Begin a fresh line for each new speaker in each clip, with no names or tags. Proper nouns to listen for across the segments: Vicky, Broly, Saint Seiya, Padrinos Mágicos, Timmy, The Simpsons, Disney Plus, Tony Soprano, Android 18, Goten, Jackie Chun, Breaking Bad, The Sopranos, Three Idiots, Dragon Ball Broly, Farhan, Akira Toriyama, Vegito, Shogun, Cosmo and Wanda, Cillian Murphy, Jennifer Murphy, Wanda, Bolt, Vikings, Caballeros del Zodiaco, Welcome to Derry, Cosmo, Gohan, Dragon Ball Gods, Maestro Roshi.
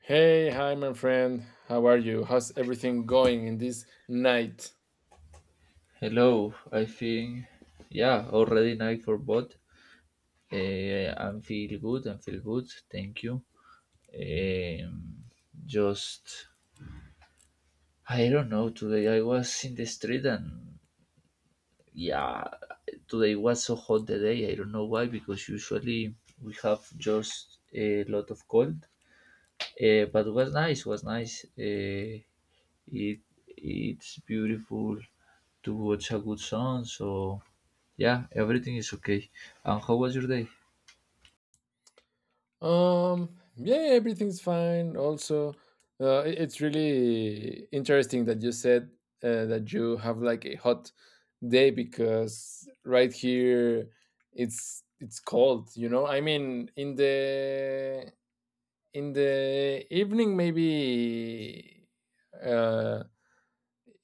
Hey, hi, my friend. How are you? How's everything going in this night?
Hello, I think, yeah, already night for both. I feel good, thank you. Um, just, I don't know, today I was in the street and yeah, today was so hot the day, I don't know why, because usually we have just a lot of cold, but was nice, was nice. It, it's beautiful to watch a good song, so yeah, everything is okay. And how was your day?
Yeah, everything's fine. Also, it's really interesting that you said that you have like a hot day because right here it's cold. You know, I mean, in the evening maybe uh,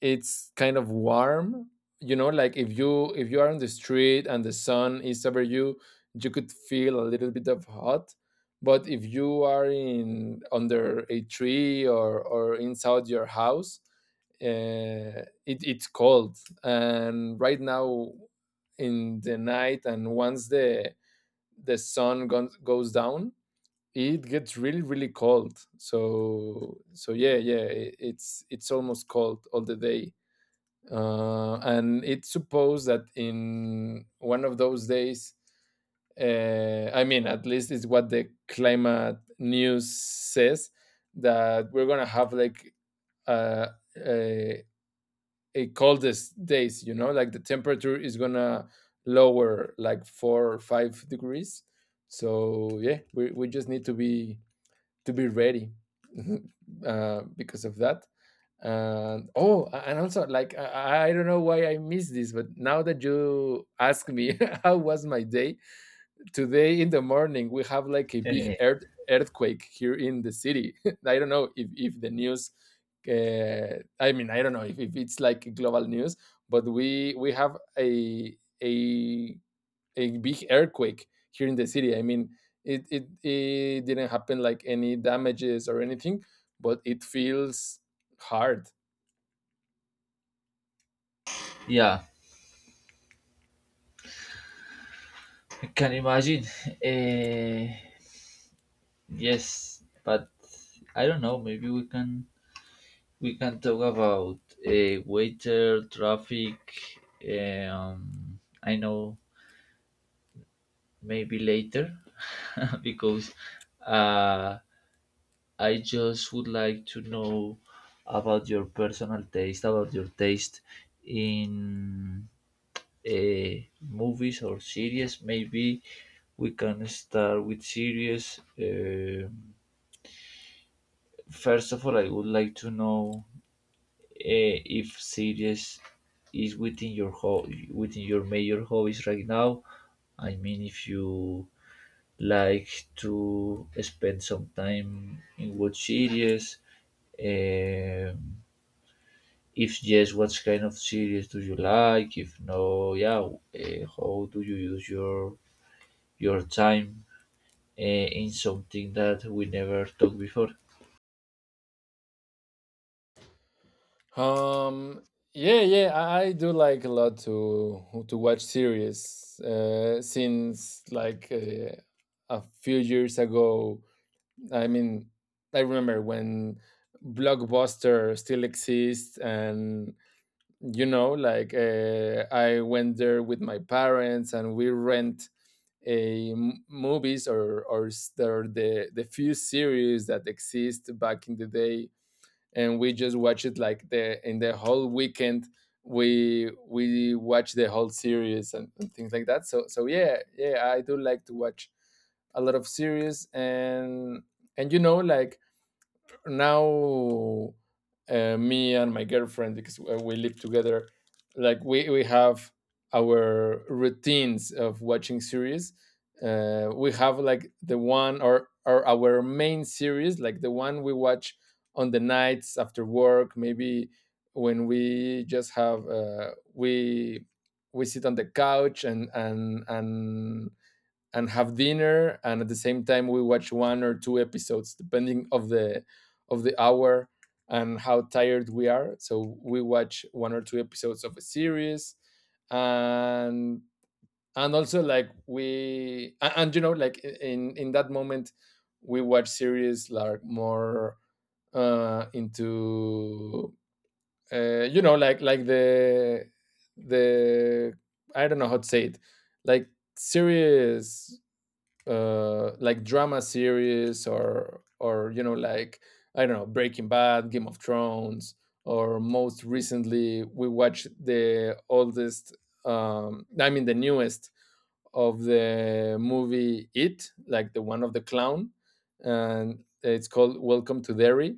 it's kind of warm, you know, like if you are on the street and the sun is over you, you could feel a little bit of hot. But if you are in under a tree or inside your house, it's cold. And right now in the night, and once the sun goes down, it gets really really cold. So yeah, it's almost cold all the day. And it's supposed that in one of those days, I mean, at least it's what the climate news says, that we're going to have like uh, a, a coldest days, you know, like the temperature is going to lower like four or five degrees. So yeah, we just need to be ready because of that. And oh, and also like I don't know why I missed this, but now that you ask me how was my day today in the morning, we have like a big
Eh,
earthquake here in the city. I don't know if the news. I mean, I don't know if it's like global news, but we have a a big earthquake here in the city. I mean, it didn't happen like any damages or anything, but it feels hard.
Yeah, I can imagine. Eh, yes, but I don't know. Maybe we can talk about waiter traffic. I know, maybe later, because uh, I just would like to know about your personal taste, about your taste in uh, movies or series. Maybe we can start with series. First of all, I would like to know if series is within your within your major hobbies right now. I mean, if you like to spend some time in what series. Um, if yes, what kind of series do you like? If no, yeah, how do you use your time in something that we never talked before.
Um, yeah, yeah, I do like a lot to watch series. Since like a few years ago, I mean, I remember when Blockbuster still exists, and you know, like I went there with my parents, and we rent movies or the few series that exist back in the day, and we just watch it like the in the whole weekend, we watch the whole series, and things like that. So yeah, yeah, I do like to watch a lot of series. And you know like now, me and my girlfriend, because we live together, like we have our routines of watching series. We have like the one or our main series, like the one we watch on the nights after work, maybe when we just have we sit on the couch and and have dinner, and at the same time we watch one or two episodes depending of the hour and how tired we are. So we watch one or two episodes of a series, and also, like you know, like in that moment, we watch series like more into you know, like the I don't know how to say it, like series, like drama series, or you know, like, I don't know, Breaking Bad, Game of Thrones, or most recently we watched the oldest, I mean the newest of the movie It, like the one of the clown, and it's called Welcome to Derry,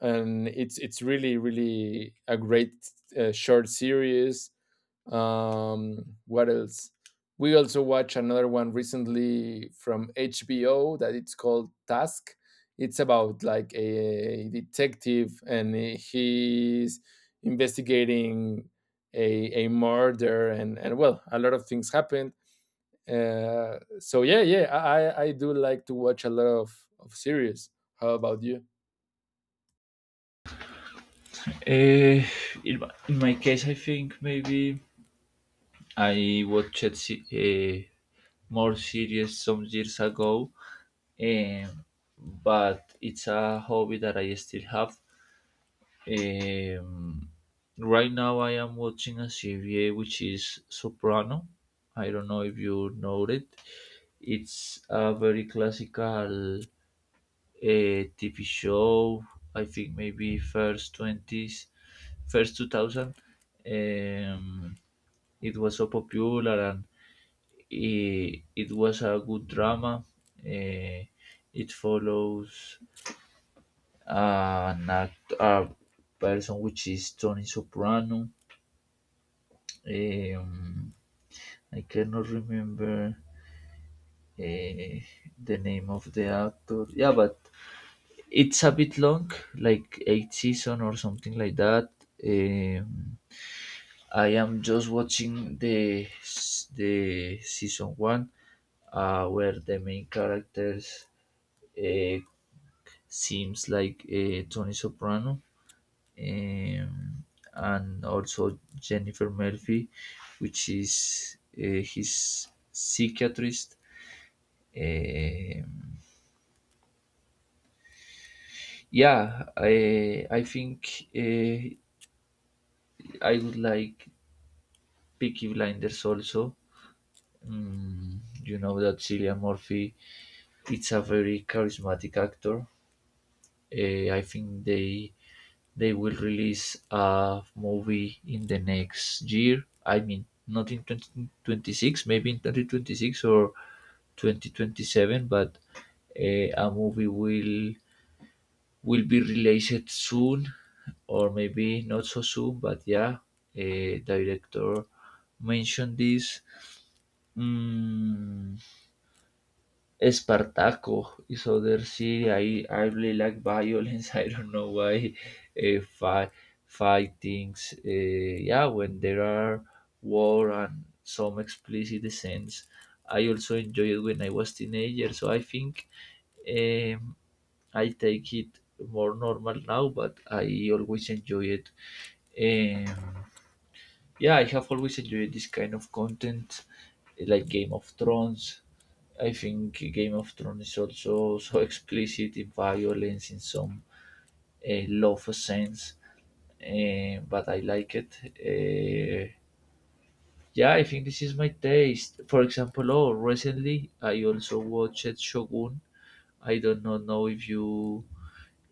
and it's really really a great, short series. What else? We also watched another one recently from HBO that it's called Task. It's about like a detective, and he's investigating a murder, and well, a lot of things happened. So yeah, yeah, I do like to watch a lot of series. How about you?
Uh, in my case, I think maybe I watched more series some years ago, um, but it's a hobby that I still have. Um, right now, I am watching a series which is Soprano. I don't know if you know it. It's a very classical a TV show. I think maybe first twenties, first 2000. Um, it was so popular and it was a good drama. Uh, it follows a person which is Tony Soprano. Um, I cannot remember the name of the actor. Yeah, but it's a bit long, like eight season or something like that. Um, I am just watching the season one, where the main characters uh, seems like Tony Soprano, um, and also Jennifer Murphy, which is his psychiatrist. Um, yeah, I I think uh, I would like Peaky Blinders also. Mm, you know that Cillian Murphy, it's a very charismatic actor. I think they will release a movie in the next year. I mean, not in 2026, maybe in 2026 or 2027, but a movie will be released soon, or maybe not so soon. But yeah, a director mentioned this. Mm, Spartaco is other city. I really like violence. I don't know why. Uh, fight Fightings. Yeah, when there are war and some explicit scenes. I also enjoy it when I was teenager. So I think um, I take it more normal now, but I always enjoy it. Um, yeah, I have always enjoyed this kind of content, like Game of Thrones. I think Game of Thrones is also so explicit in violence, in some love sense, but I like it. Yeah, I think this is my taste. For example, oh, recently I also watched Shogun. I don't know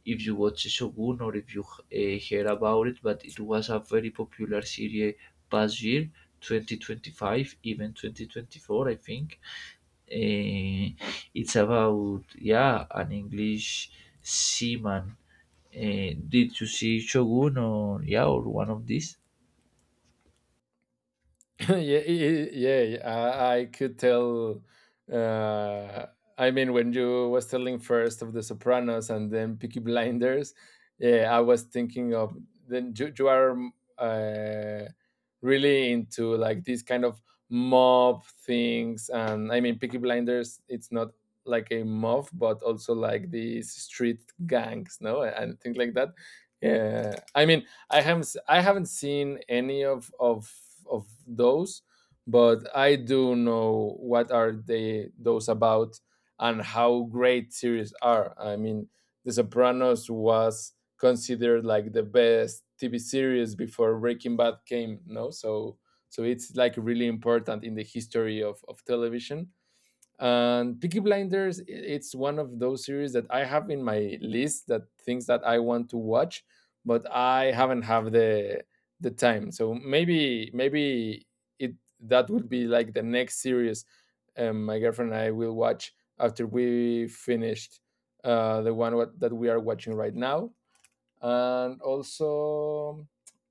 if you watched Shogun or if you hear about it, but it was a very popular series past year, 2025, even 2024, I think. Eh, it's about, yeah, an English seaman. Did you see Shogun or, yeah, or one of these?
Yeah, yeah. I could tell. Uh, I mean, when you was telling first of The Sopranos and then Peaky Blinders, yeah, I was thinking of then you are mm, uh, really into like these kind of mob things. And I mean, Peaky Blinders, it's not like a mob, but also like these street gangs, no, and things like that. Yeah, I mean, I haven't seen any of those, but I do know what are they those about, and how great series are. I mean, The Sopranos was considered like the best TV series before Breaking Bad came, no? So it's like really important in the history of television. And Peaky Blinders, it's one of those series that I have in my list, that things that I want to watch, but I haven't have the time. So maybe it that would be like the next series my girlfriend and I will watch after we finished the one that we are watching right now, and also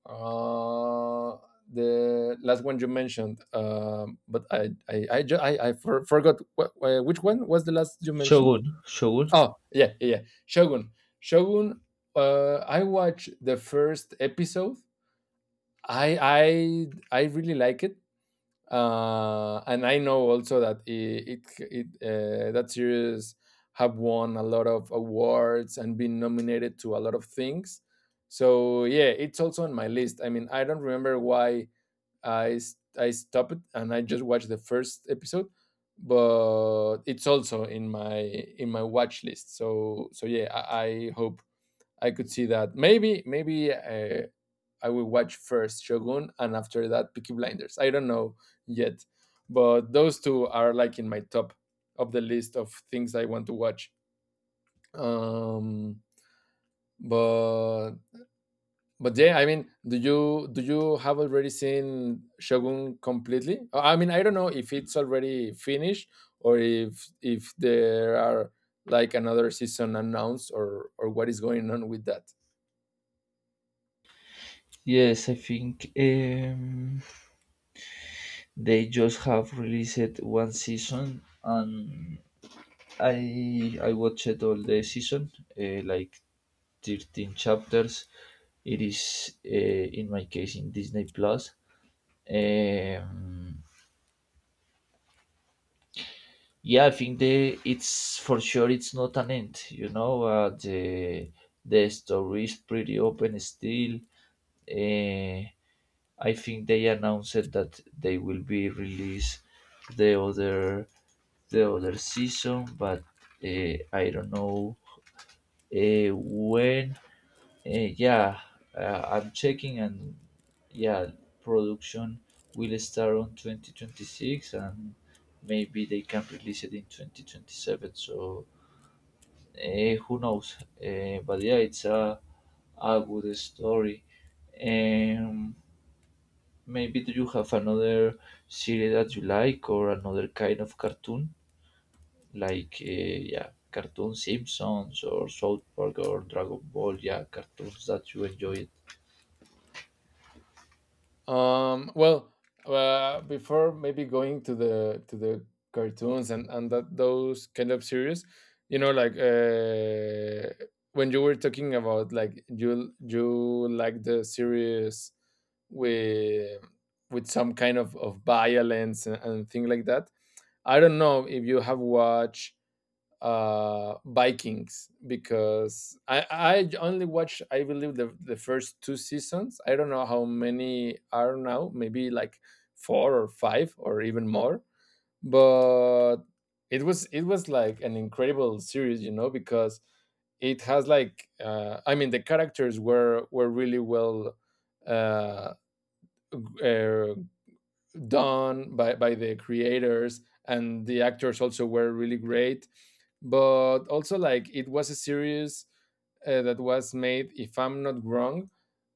uh, the last one you mentioned. Um, but I, ju- I for, forgot which one was the last you mentioned.
Shogun, Shogun.
Oh yeah, yeah, yeah. Shogun, shogun. I watched the first episode. I really like it. And I know also that it that series have won a lot of awards and been nominated to a lot of things. So yeah, it's also on my list. I mean, I don't remember why I stopped and I just watched the first episode, but it's also in my watch list. So yeah, I hope I could see that. Maybe I will watch first Shogun, and after that Peaky Blinders. I don't know yet, but those two are like in my top of the list of things I want to watch. Um, but yeah, I mean, do you have already seen Shogun completely? I mean, I don't know if it's already finished, or if there are like another season announced, or what is going on with that.
Yes, I think they just have released one season, and I watched all the season, like 13 chapters. It is, in my case, in Disney Plus. Um, Yeah, I think the it's for sure it's not an end. You know, the story is pretty open still. Uh, I think they announced that they will be release the other the other season, but I don't know when. Yeah, I'm checking, and yeah, production will start on 2026, and maybe they can release it in 2027. So who knows? But yeah, it's a good story. Um, Maybe do you have another series that you like, or another kind of cartoon, like, yeah, cartoon Simpsons or South Park or Dragon Ball? Yeah, cartoons that you enjoy.
Well, before maybe going to the cartoons and that those kind of series, you know, like when you were talking about like you like the series with some kind of violence, and thing like that. I don't know if you have watched vikings, because i only watched I believe the first two seasons. I don't know how many are now, maybe like four or five or even more, but it was, it was like an incredible series, you know, because it has like, I mean the characters were really well uh, uh done by the creators, and the actors also were really great. But also, like, it was a series that was made, if I'm not wrong,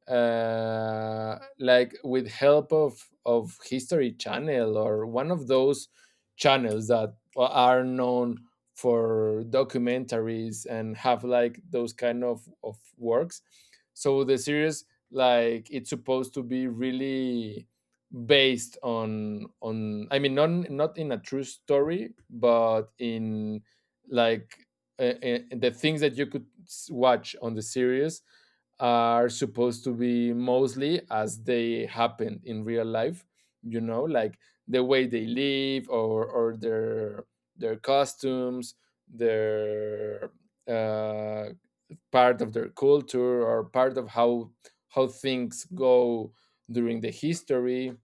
like with help of History Channel, or one of those channels that are known for documentaries and have like those kind of works. So the series, like, it's supposed to be really based on I mean not in a true story, but in like the things that you could watch on the series are supposed to be mostly as they happen in real life. You know, like the way they live, or their costumes, their uh, part of their culture, or part of how things go during the history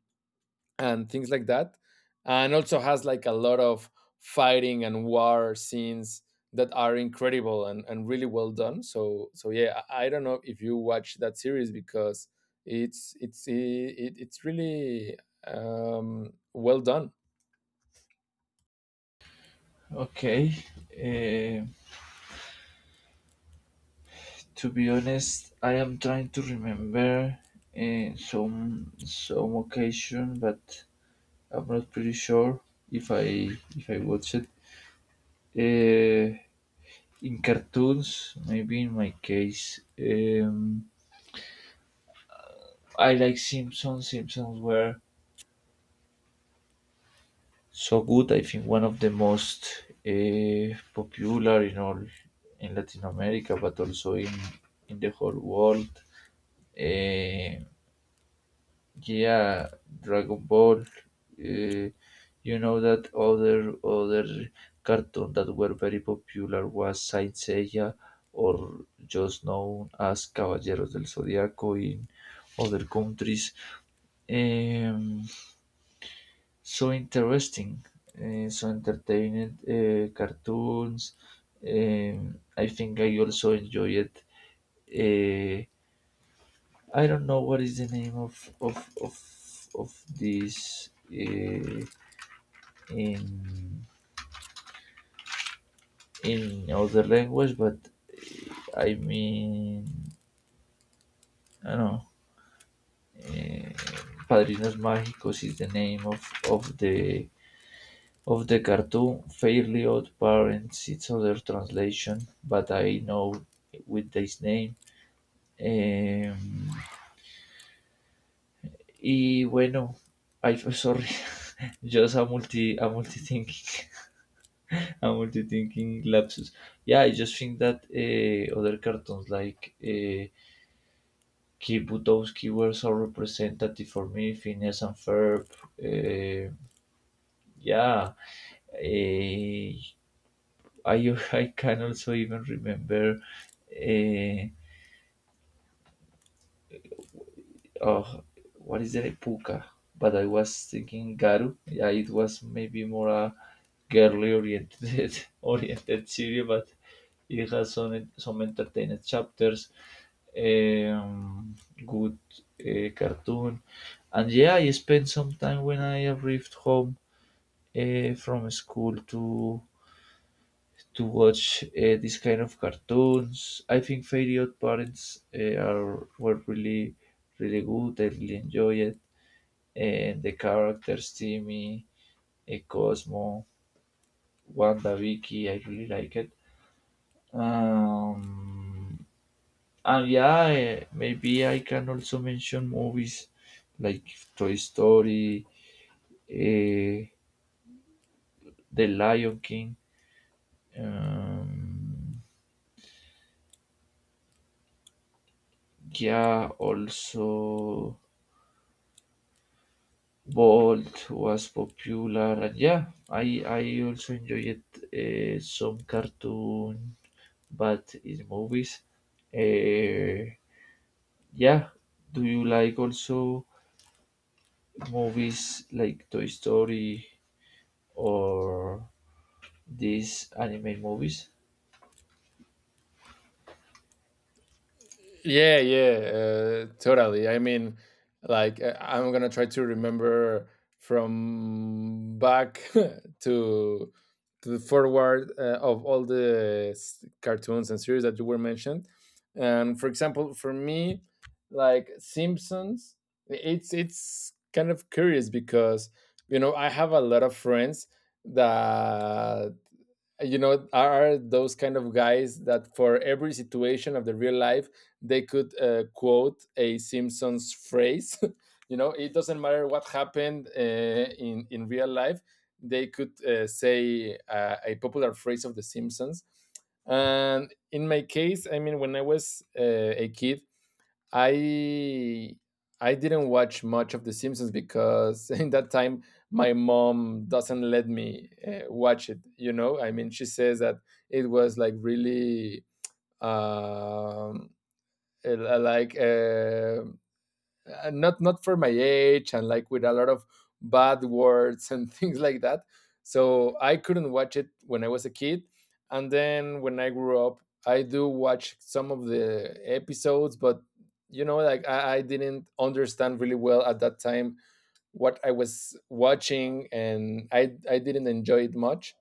and things like that. And also has like a lot of fighting and war scenes that are incredible, and really well done. So yeah, I don't know if you watch that series, because it's really well done.
Okay. Uh, to be honest, I am trying to remember some occasion, but I'm not pretty sure if I if I watch it. Uh, in cartoons, maybe in my case, I like Simpsons. Simpsons were so good. I think one of the most popular in all in Latin America, but also in the whole world. Uh, Yeah, Dragon Ball. Uh, you know that other cartoon that were very popular was Saint Seiya, or just known as Caballeros del Zodiaco in other countries. Um, so interesting, so entertaining cartoons. I think I also enjoy it. Uh, I don't know what is the name of this in in other language, but I mean, I don't know. Uh, Padrinos Mágicos is the name of the of the cartoon. Fairly Odd Parents, it's other translation, but I know with this name. Um, Y bueno, ay, sorry, just a multi thing, I'm multitasking lapses. Yeah, I just think that, other cartoons like, Kid Butowski were so representative for me, Phineas and Ferb. Uh, yeah, I I can also even remember. Uh, Oh, what is it? Like Puka. But I was thinking Garu. Yeah, it was maybe more a girly oriented oriented series, but it has some entertaining chapters, um, good, cartoon, and yeah, I spent some time when I arrived home from school to watch this kind of cartoons. I think Fairy Odd Parents, are were really really good. I really enjoy it, and the characters Timmy, Cosmo, Wanda, Vicky. I really like it. Um, and yeah, maybe I can also mention movies like Toy Story, eh, The Lion King. Um, yeah, also Bolt was popular, and yeah, I also enjoyed some cartoon, but in movies, uh, yeah. Do you like also movies like Toy Story or these anime movies?
Yeah, yeah, totally. I mean, like I'm gonna try to remember from back to the forward of all the cartoons and series that you were mentioned. And for example, for me, like Simpsons, it's kind of curious, because you know, I have a lot of friends that you know are those kind of guys that for every situation of the real life they could quote a simpsons phrase. You know, it doesn't matter what happened in real life, they could say a popular phrase of the simpsons. And in my case, I mean, when I was a kid, I I didn't watch much of The Simpsons, because in that time my mom doesn't let me watch it. You know, I mean, she says that it was like really um, like not for my age, and like with a lot of bad words and things like that. So I couldn't watch it when I was a kid. And then when I grew up, I do watch some of the episodes, but you know, like I didn't understand really well at that time what I was watching, and I didn't enjoy it much.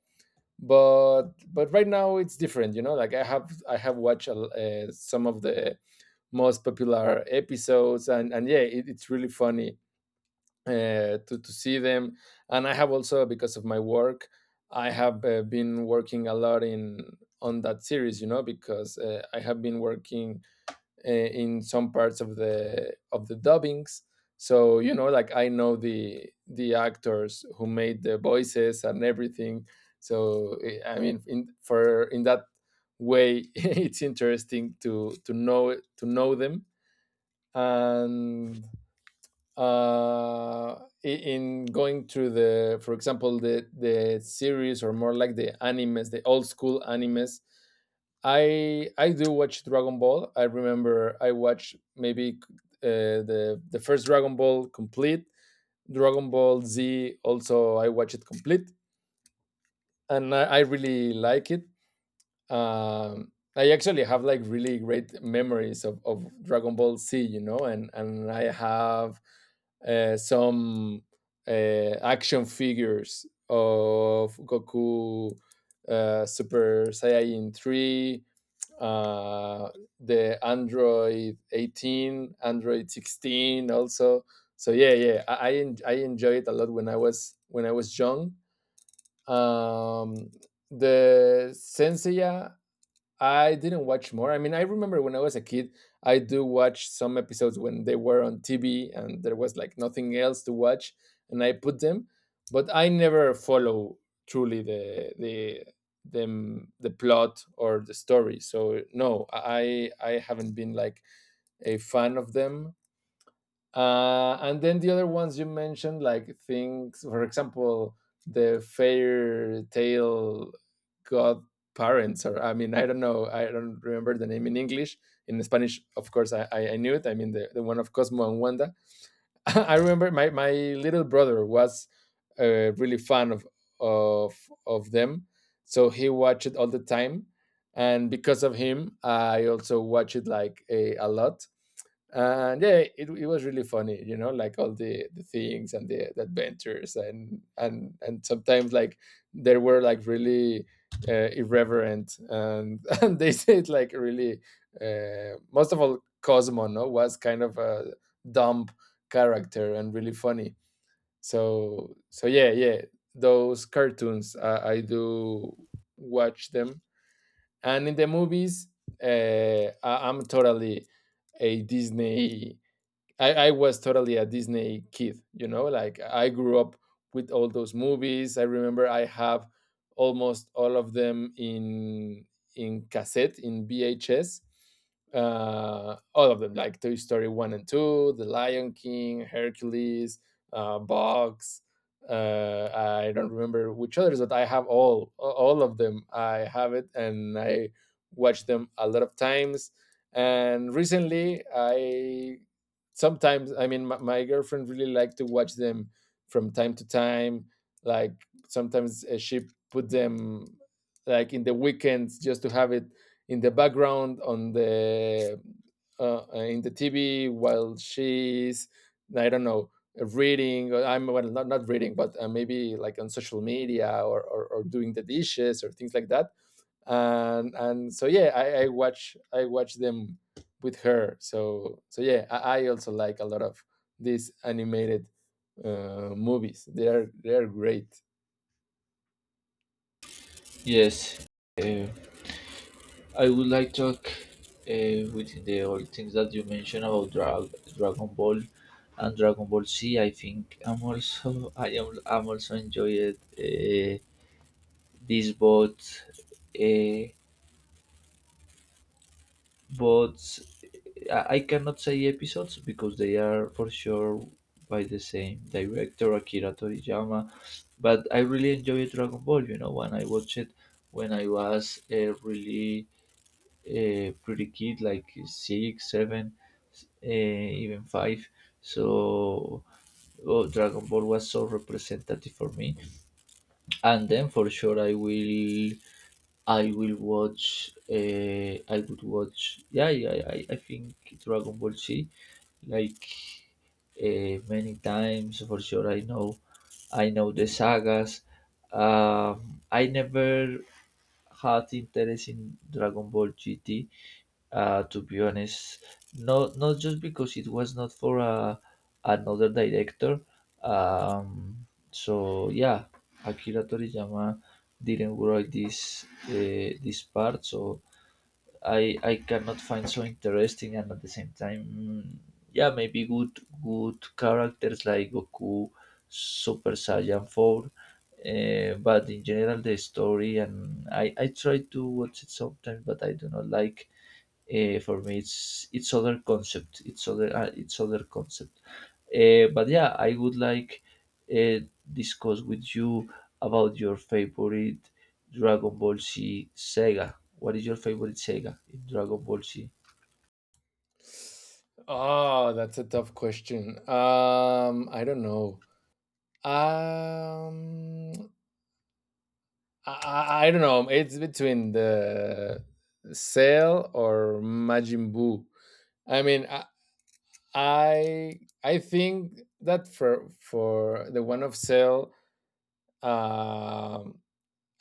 But right now it's different. You know, like I have watched some of the most popular episodes. And yeah, it's really funny to see them. And I have also, because of my work, I have been working a lot in on that series, you know, because I have been working in some parts of the dubbings. So you know, like I know the actors who made the voices and everything. So I mean, in that way, it's interesting to know them. And uh, in going through the, for example, the series, or more like the animes, the old school animes. I do watch Dragon Ball. I remember I watched maybe the first Dragon Ball complete, Dragon Ball Z. Also, I watch it complete, and I really like it. I actually have like really great memories of Dragon Ball Z, you know, and I have some action figures of Goku, Super Saiyan 3, uh, the Android 18, Android 16 also. So yeah, yeah, I enjoyed it a lot when I was young. um the Senseiya I didn't watch more. I mean, I remember when I was a kid, I do watch some episodes when they were on TV and there was like nothing else to watch, and I put them. But I never follow truly the plot or the story. So no, I haven't been like a fan of them. And then the other ones you mentioned, like things, for example, the fairy tale godparents, or I mean, I don't know, I don't remember the name in English. In Spanish, of course, I knew it. I mean, the one of Cosmo and Wanda. I remember my little brother was really fan of, of them. So he watched it all the time. And because of him, I also watch it like a lot. And yeah, it was really funny, you know, like all the things and the adventures. And and sometimes like they were like really irreverent, and and they said like really most of all Cosmo, no, was kind of a dumb character and really funny. So yeah, yeah, those cartoons I do watch them. And in the movies, uh, I, i'm totally a disney I was totally a Disney kid, you know, like I grew up with all those movies. I remember I have almost all of them in cassette, in VHS. All of them, like Toy Story 1 and 2, The Lion King, Hercules, Box. I don't remember which others, but I have all of them. I have it, and I watch them a lot of times. And recently I sometimes, I mean, my girlfriend really liked to watch them from time to time, like sometimes she put them, like in the weekends, just to have it in the background on the uh, in the TV while she's, I don't know, reading, or I'm, well, not reading, but maybe like on social media, or doing the dishes or things like that. And so yeah, I watch them with her. So yeah, I also like a lot of these animated movies. They are great.
Yes. Eh, I would like to talk with the all things that you mentioned about Dragon Ball and Dragon Ball Z. I think I'm also I'm also enjoyed these both, uh, but I cannot say episodes because they are for sure by the same director, Akira Toriyama. But I really enjoyed Dragon Ball. You know, when I watched it when I was really a pretty kid, like six, seven, even five. So, oh, Dragon Ball was so representative for me. And then for sure, I will watch. I would watch. Yeah, yeah, I think Dragon Ball Z, like, many times for sure. I know the sagas. I never had interest in Dragon Ball GT. To be honest, not just because it was not for another director. So yeah, Akira Toriyama didn't write this this part, so I cannot find so interesting, and at the same time, mm, yeah, maybe good characters like Goku, Super Saiyan Four, but in general the story, and I try to watch it sometimes, but I do not like, for me, it's other concept. It's other, it's other concept. But yeah, I would like uh, discuss with you about your favorite Dragon Ball Z Sega. What is your favorite Sega in Dragon Ball Z?
Oh, that's a tough question. I don't know. Um i i, I don't know, it's between the Cell or Majin Buu. I mean, I, I think that for the one of Cell, Um,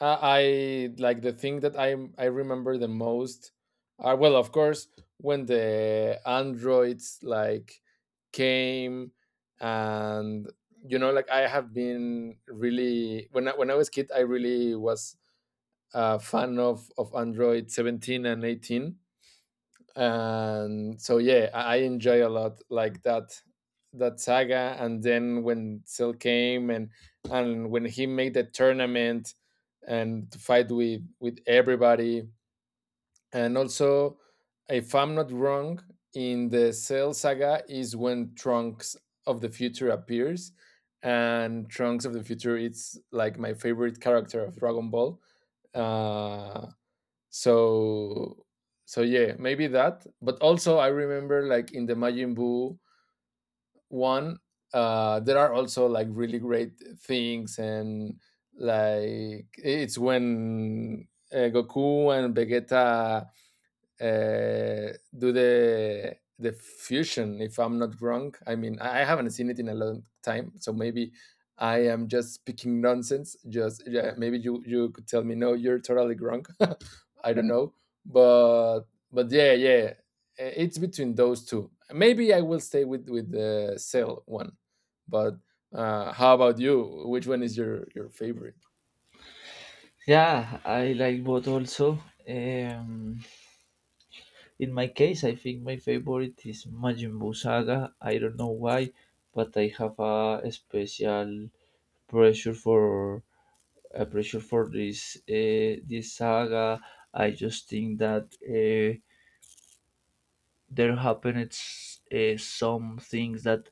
I like the thing that I remember the most. Well, of course, when the androids like came. And you know, like I have been really when I was kid, I really was a fan of Android 17 and 18. And so yeah, I enjoy a lot like that saga. And then when Cell came, and when he made the tournament and to fight with everybody. And also, if I'm not wrong, in the Cell saga is when Trunks of the future appears, and Trunks of the future, it's like my favorite character of Dragon Ball. uh so yeah, maybe that. But also I remember, like in the Majin Buu one, there are also like really great things. And like, it's when Goku and Vegeta do the fusion, if I'm not wrong. I mean, I haven't seen it in a long time, so maybe I am just speaking nonsense. Just, yeah, maybe you could tell me, "No, you're totally wrong." I don't know, but yeah, yeah. It's between those two. Maybe I will stay with the Sale one, but how about you? Which one is your favorite?
Yeah, I like both also. Um, in my case, I think my favorite is Majin Buu Saga. I don't know why, but I have a special pressure for pressure for this this saga. I just think that there happened some things that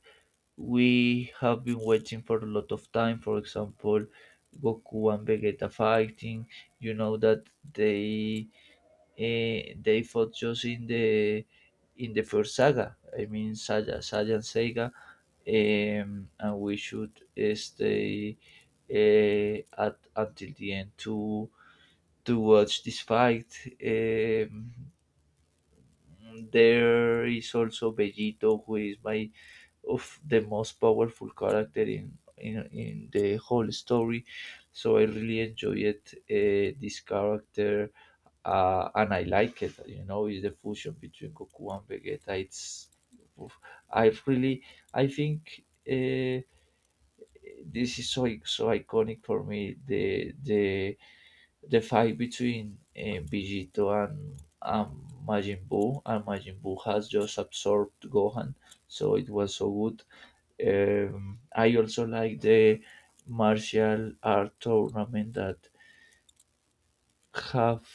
we have been waiting for a lot of time. For example, Goku and Vegeta fighting. You know that they they fought just in the first saga. I mean, Saga, Saga and Sega, and we should stay at until the end to watch this fight. Um, there is also Bellito, who is my of the most powerful character in the whole story. So I really enjoyed this character, and I like it. You know, it's the fusion between Goku and Vegeta. It's I really I think this is so so iconic for me. The fight between Vegito and and Majin Buu has just absorbed Gohan, so it was so good. I also like the martial art tournament that have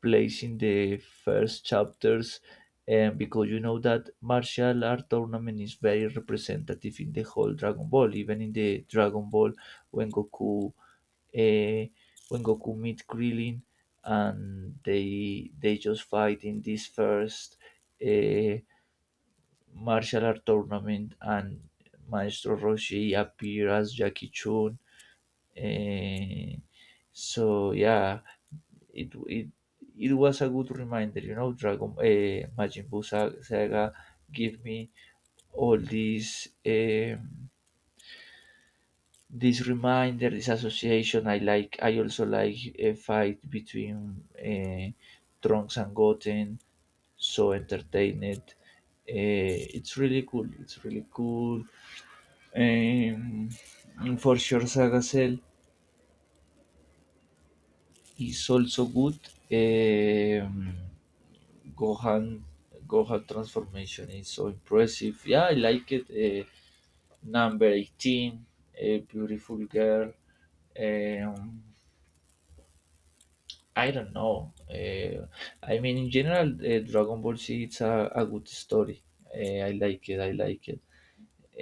place in the first chapters, and because you know that martial art tournament is very representative in the whole Dragon Ball, even in the Dragon Ball when Goku uh, meet Krillin and they just fight in this first uh, martial art tournament and Maestro Roshi appear as Jackie Chun. Uh, so yeah, it it was a good reminder. Dragon Majin Buu Saga give me all these. This reminder, this association. I like. I also like a fight between Trunks and Goten. So entertained. It's really cool. It's really cool. Um, for sure, Saga Cell is also good. Um, Gohan, Gohan transformation is so impressive. Yeah, I like it. Number 18, a beautiful girl. Um, I don't know. I mean, in general, Dragon Ball Z it's a good story. Uh, I like it. I like it.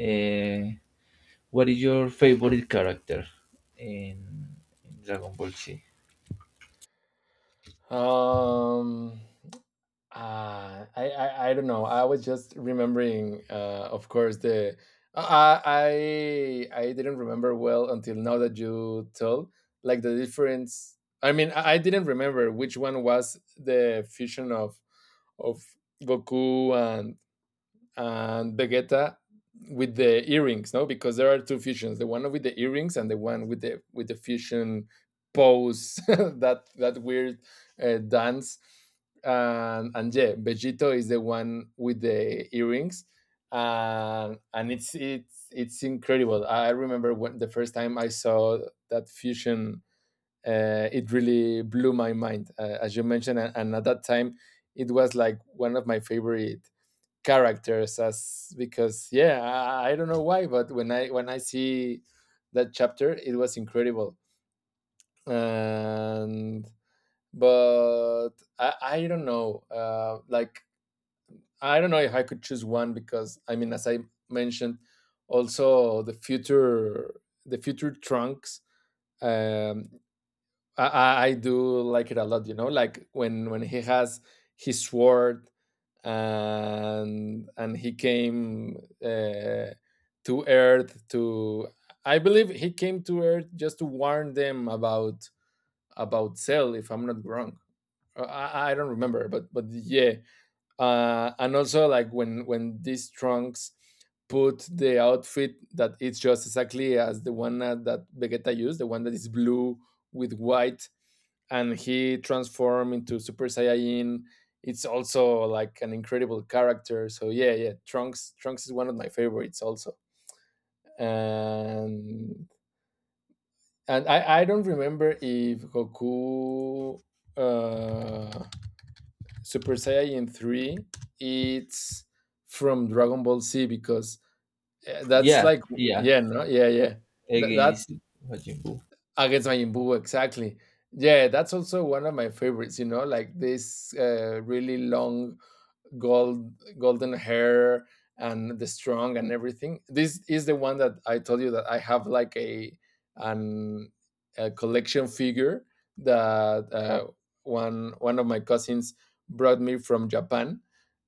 Uh, what is your favorite character in, in Dragon Ball Z?
Um Uh, I, I I don't know. I was just remembering, of course, the I didn't remember well until now that you told like the difference. I mean, I didn't remember which one was the fusion of Goku and Vegeta with the earrings, no? Because there are two fusions: the one with the earrings and the one with the fusion pose, that weird dance. And yeah, Vegito is the one with the earrings, and it's incredible. I remember when the first time I saw that fusion, it really blew my mind, as you mentioned. And, at that time, it was like one of my favorite characters. As because yeah, I don't know why, but when I see that chapter, it was incredible. And but I don't know, like I don't know if I could choose one, because I mean, as I mentioned, also the future Trunks. um I do like it a lot, you know, like when he has his sword and he came uh, to Earth to I believe he came to Earth just to warn them about Cell, if I'm not wrong. I don't remember, but yeah. And also like when these Trunks put the outfit that it's just exactly as the one that Vegeta used, the one that is blue with white, and he transformed into Super Saiyajin. It's also like an incredible character. So yeah, yeah, Trunks is one of my favorites also. And and I don't remember if Goku uh, Super Saiyan 3, it's from Dragon Ball Z, because that's
Yeah,
like,
yeah.
yeah, no, yeah, yeah.
Against
That's
Majin Buu.
against Majin Buu, exactly. Yeah, that's also one of my favorites, you know, like this really long gold golden hair and the strong and everything. This is the one that I told you that I have like an a collection figure that one of my cousins brought me from Japan.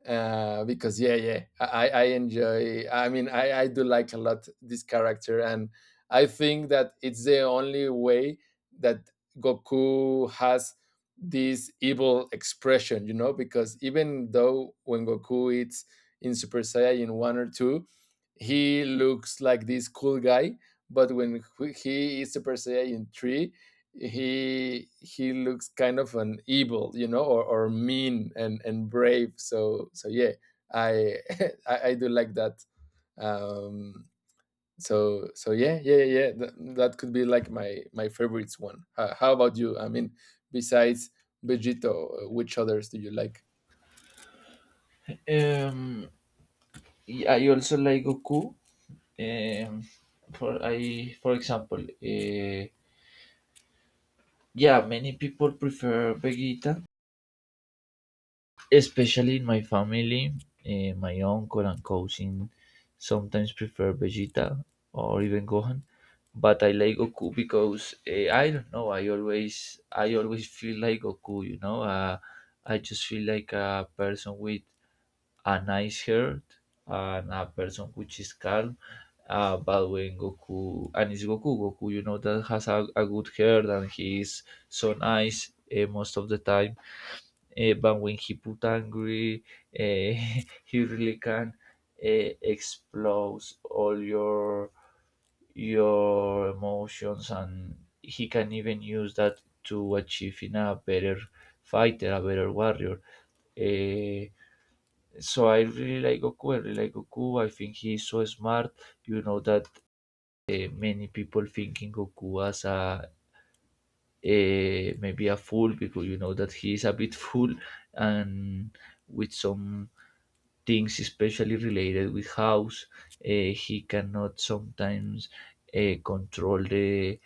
Because yeah, yeah, I enjoy, I mean, I do like a lot this character. And I think that it's the only way that Goku has this evil expression, you know, because even though when Goku eats in Super Saiyan 1 or 2, he looks like this cool guy, but when he is Super Saiyan 3, he looks kind of an evil, you know, or, mean, and, brave. So yeah, I I do like that. Um so yeah, yeah, yeah, yeah, that could be like my favorites one. How, about you? I mean, besides Vegito, which others do you like?
Um, yeah, I also like Goku. Um, for example, yeah, many people prefer Vegeta, especially in my family, my uncle and cousin sometimes prefer Vegeta or even Gohan, but I like Goku because I don't know. I always feel like Goku. You know, I just feel like a person with a nice heart and a person which is calm. But when Goku and it's Goku, Goku, you know that has a good heart and he is so nice most of the time, but when he put angry, uh, he really can explode all your emotions, and he can even use that to achieving a better fighter, a better warrior. Eh, so I really like Goku. I really like Goku. I think he's so smart. You know that many people thinking Goku as a maybe a fool because you know that he's a bit fool and with some things especially related with house. He cannot sometimes control the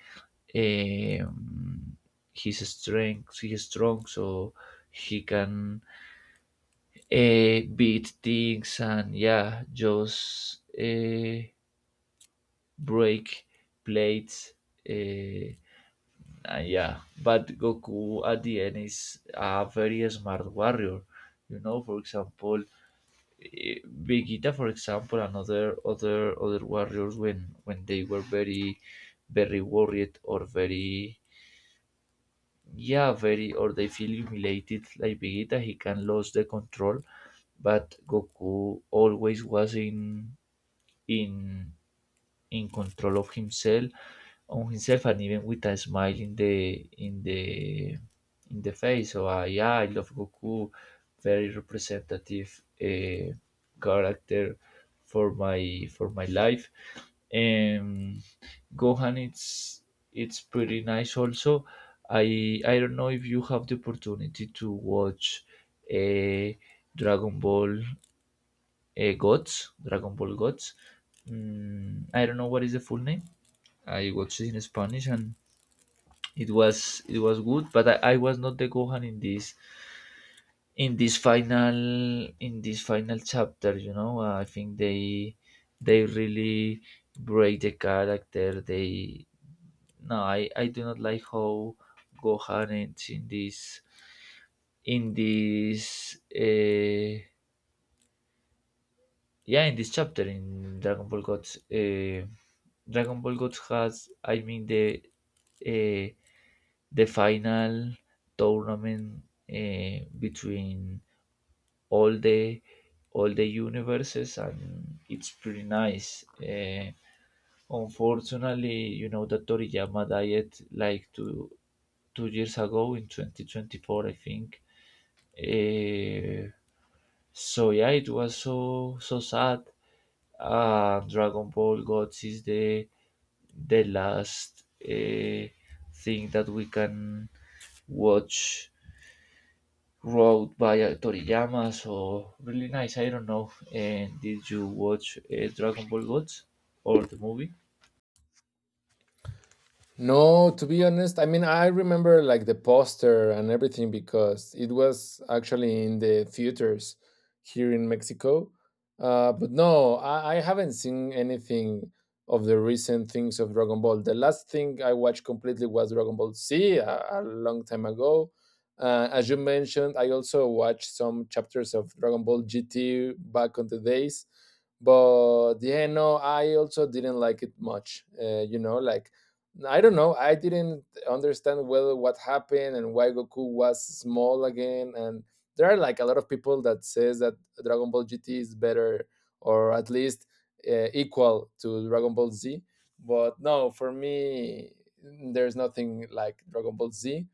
um, his strength. He is strong, so he can beat things and yeah, just break plates. Uh, and yeah, but Goku at the end is a very smart warrior. You know, for example, Vegeta, for example, and other other warriors when they were very very worried or very yeah very or they feel humiliated like Vegeta, he can lose the control, but Goku always was in in control of himself on himself and even with a smile in the in the in the face. So yeah, I love Goku, very representative character for my life. Um, Gohan, it's pretty nice. Also, I don't know if you have the opportunity to watch a Dragon Ball Gods, Dragon Ball Gods. Mm, I don't know what is the full name. I watched it in Spanish and it was good, but I was not the Gohan in this final in this final chapter. You know, I think they really break the character. They no, I do not like how Gohan ends in this in this. Yeah, in this chapter in Dragon Ball Gods. Dragon Ball Gods has, I mean, uh, the final tournament between all the all the universes, and it's pretty nice. Unfortunately, you know that Toriyama died like two years ago in 2024, I think. uh, so yeah, it was so so sad. Dragon Ball Gods is the last thing that we can watch wrote by Toriyama, so really nice. I don't know. And did you watch Dragon Ball Gods or the movie?
No, to be honest, I mean, I remember like the poster and everything because it was actually in the theaters here in Mexico. But no, I haven't seen anything of the recent things of Dragon Ball. The last thing I watched completely was Dragon Ball Z a long time ago. As you mentioned, I also watched some chapters of Dragon Ball GT back on the days. But yeah, no, I also didn't like it much. You know, like I don't know. I didn't understand well what happened and why Goku was small again. And there are like a lot of people that says that Dragon Ball GT is better, or at least equal to Dragon Ball Z. But no, for me, there's nothing like Dragon Ball Z.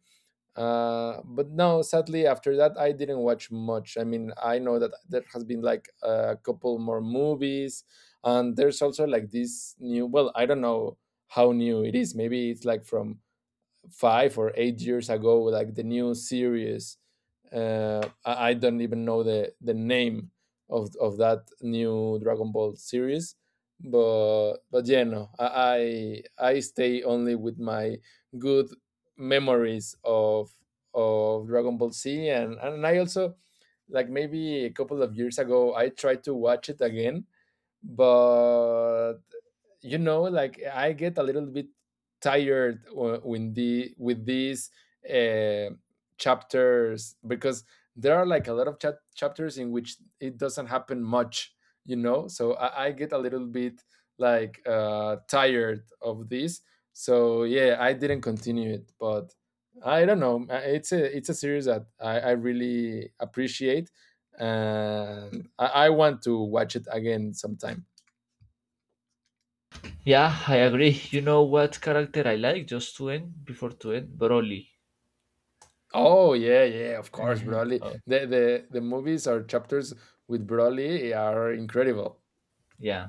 But no, sadly, after that, I didn't watch much. I mean, I know that there has been like a couple more movies, and there's also like this new, well, I don't know how new it is. Maybe it's like from 5 or 8 years ago, like the new series. I don't even know the name of that new Dragon Ball series. But yeah, no, I stay only with my good memories of Dragon Ball Z. And I also, like maybe a couple of years ago, I tried to watch it again, but you know, like I get a little bit tired w- when the with these uh, chapters, because there are like a lot of chapters in which it doesn't happen much, you know. So I get a little bit like tired of this. So yeah, I didn't continue it, but I don't know, it's a series that I really appreciate, and I want to watch it again sometime.
Yeah, I agree. You know what character I like? Just to end, before to end, Broly.
Oh yeah, yeah, of course, Broly.
Oh,
The movies or chapters with Broly are incredible.
yeah.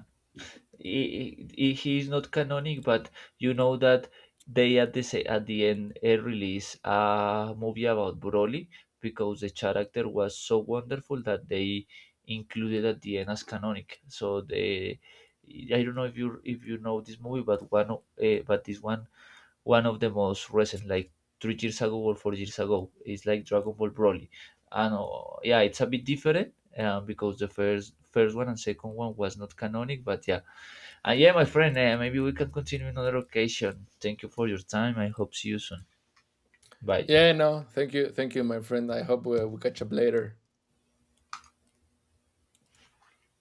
He is not canonic, but you know that they at the at the end release a movie about Broly because the character was so wonderful that they included at the end as canonic. So they, I don't know if you know this movie, but but this one one of the most recent, like 3 years ago or 4 years ago, is like Dragon Ball Broly, and yeah, it's a bit different. Because the first one and second one was not canonic, but yeah, yeah, my friend, maybe we can continue another occasion. Thank you for your time. I hope see you soon. Bye.
Yeah, no, thank you, my friend. I hope we catch up later.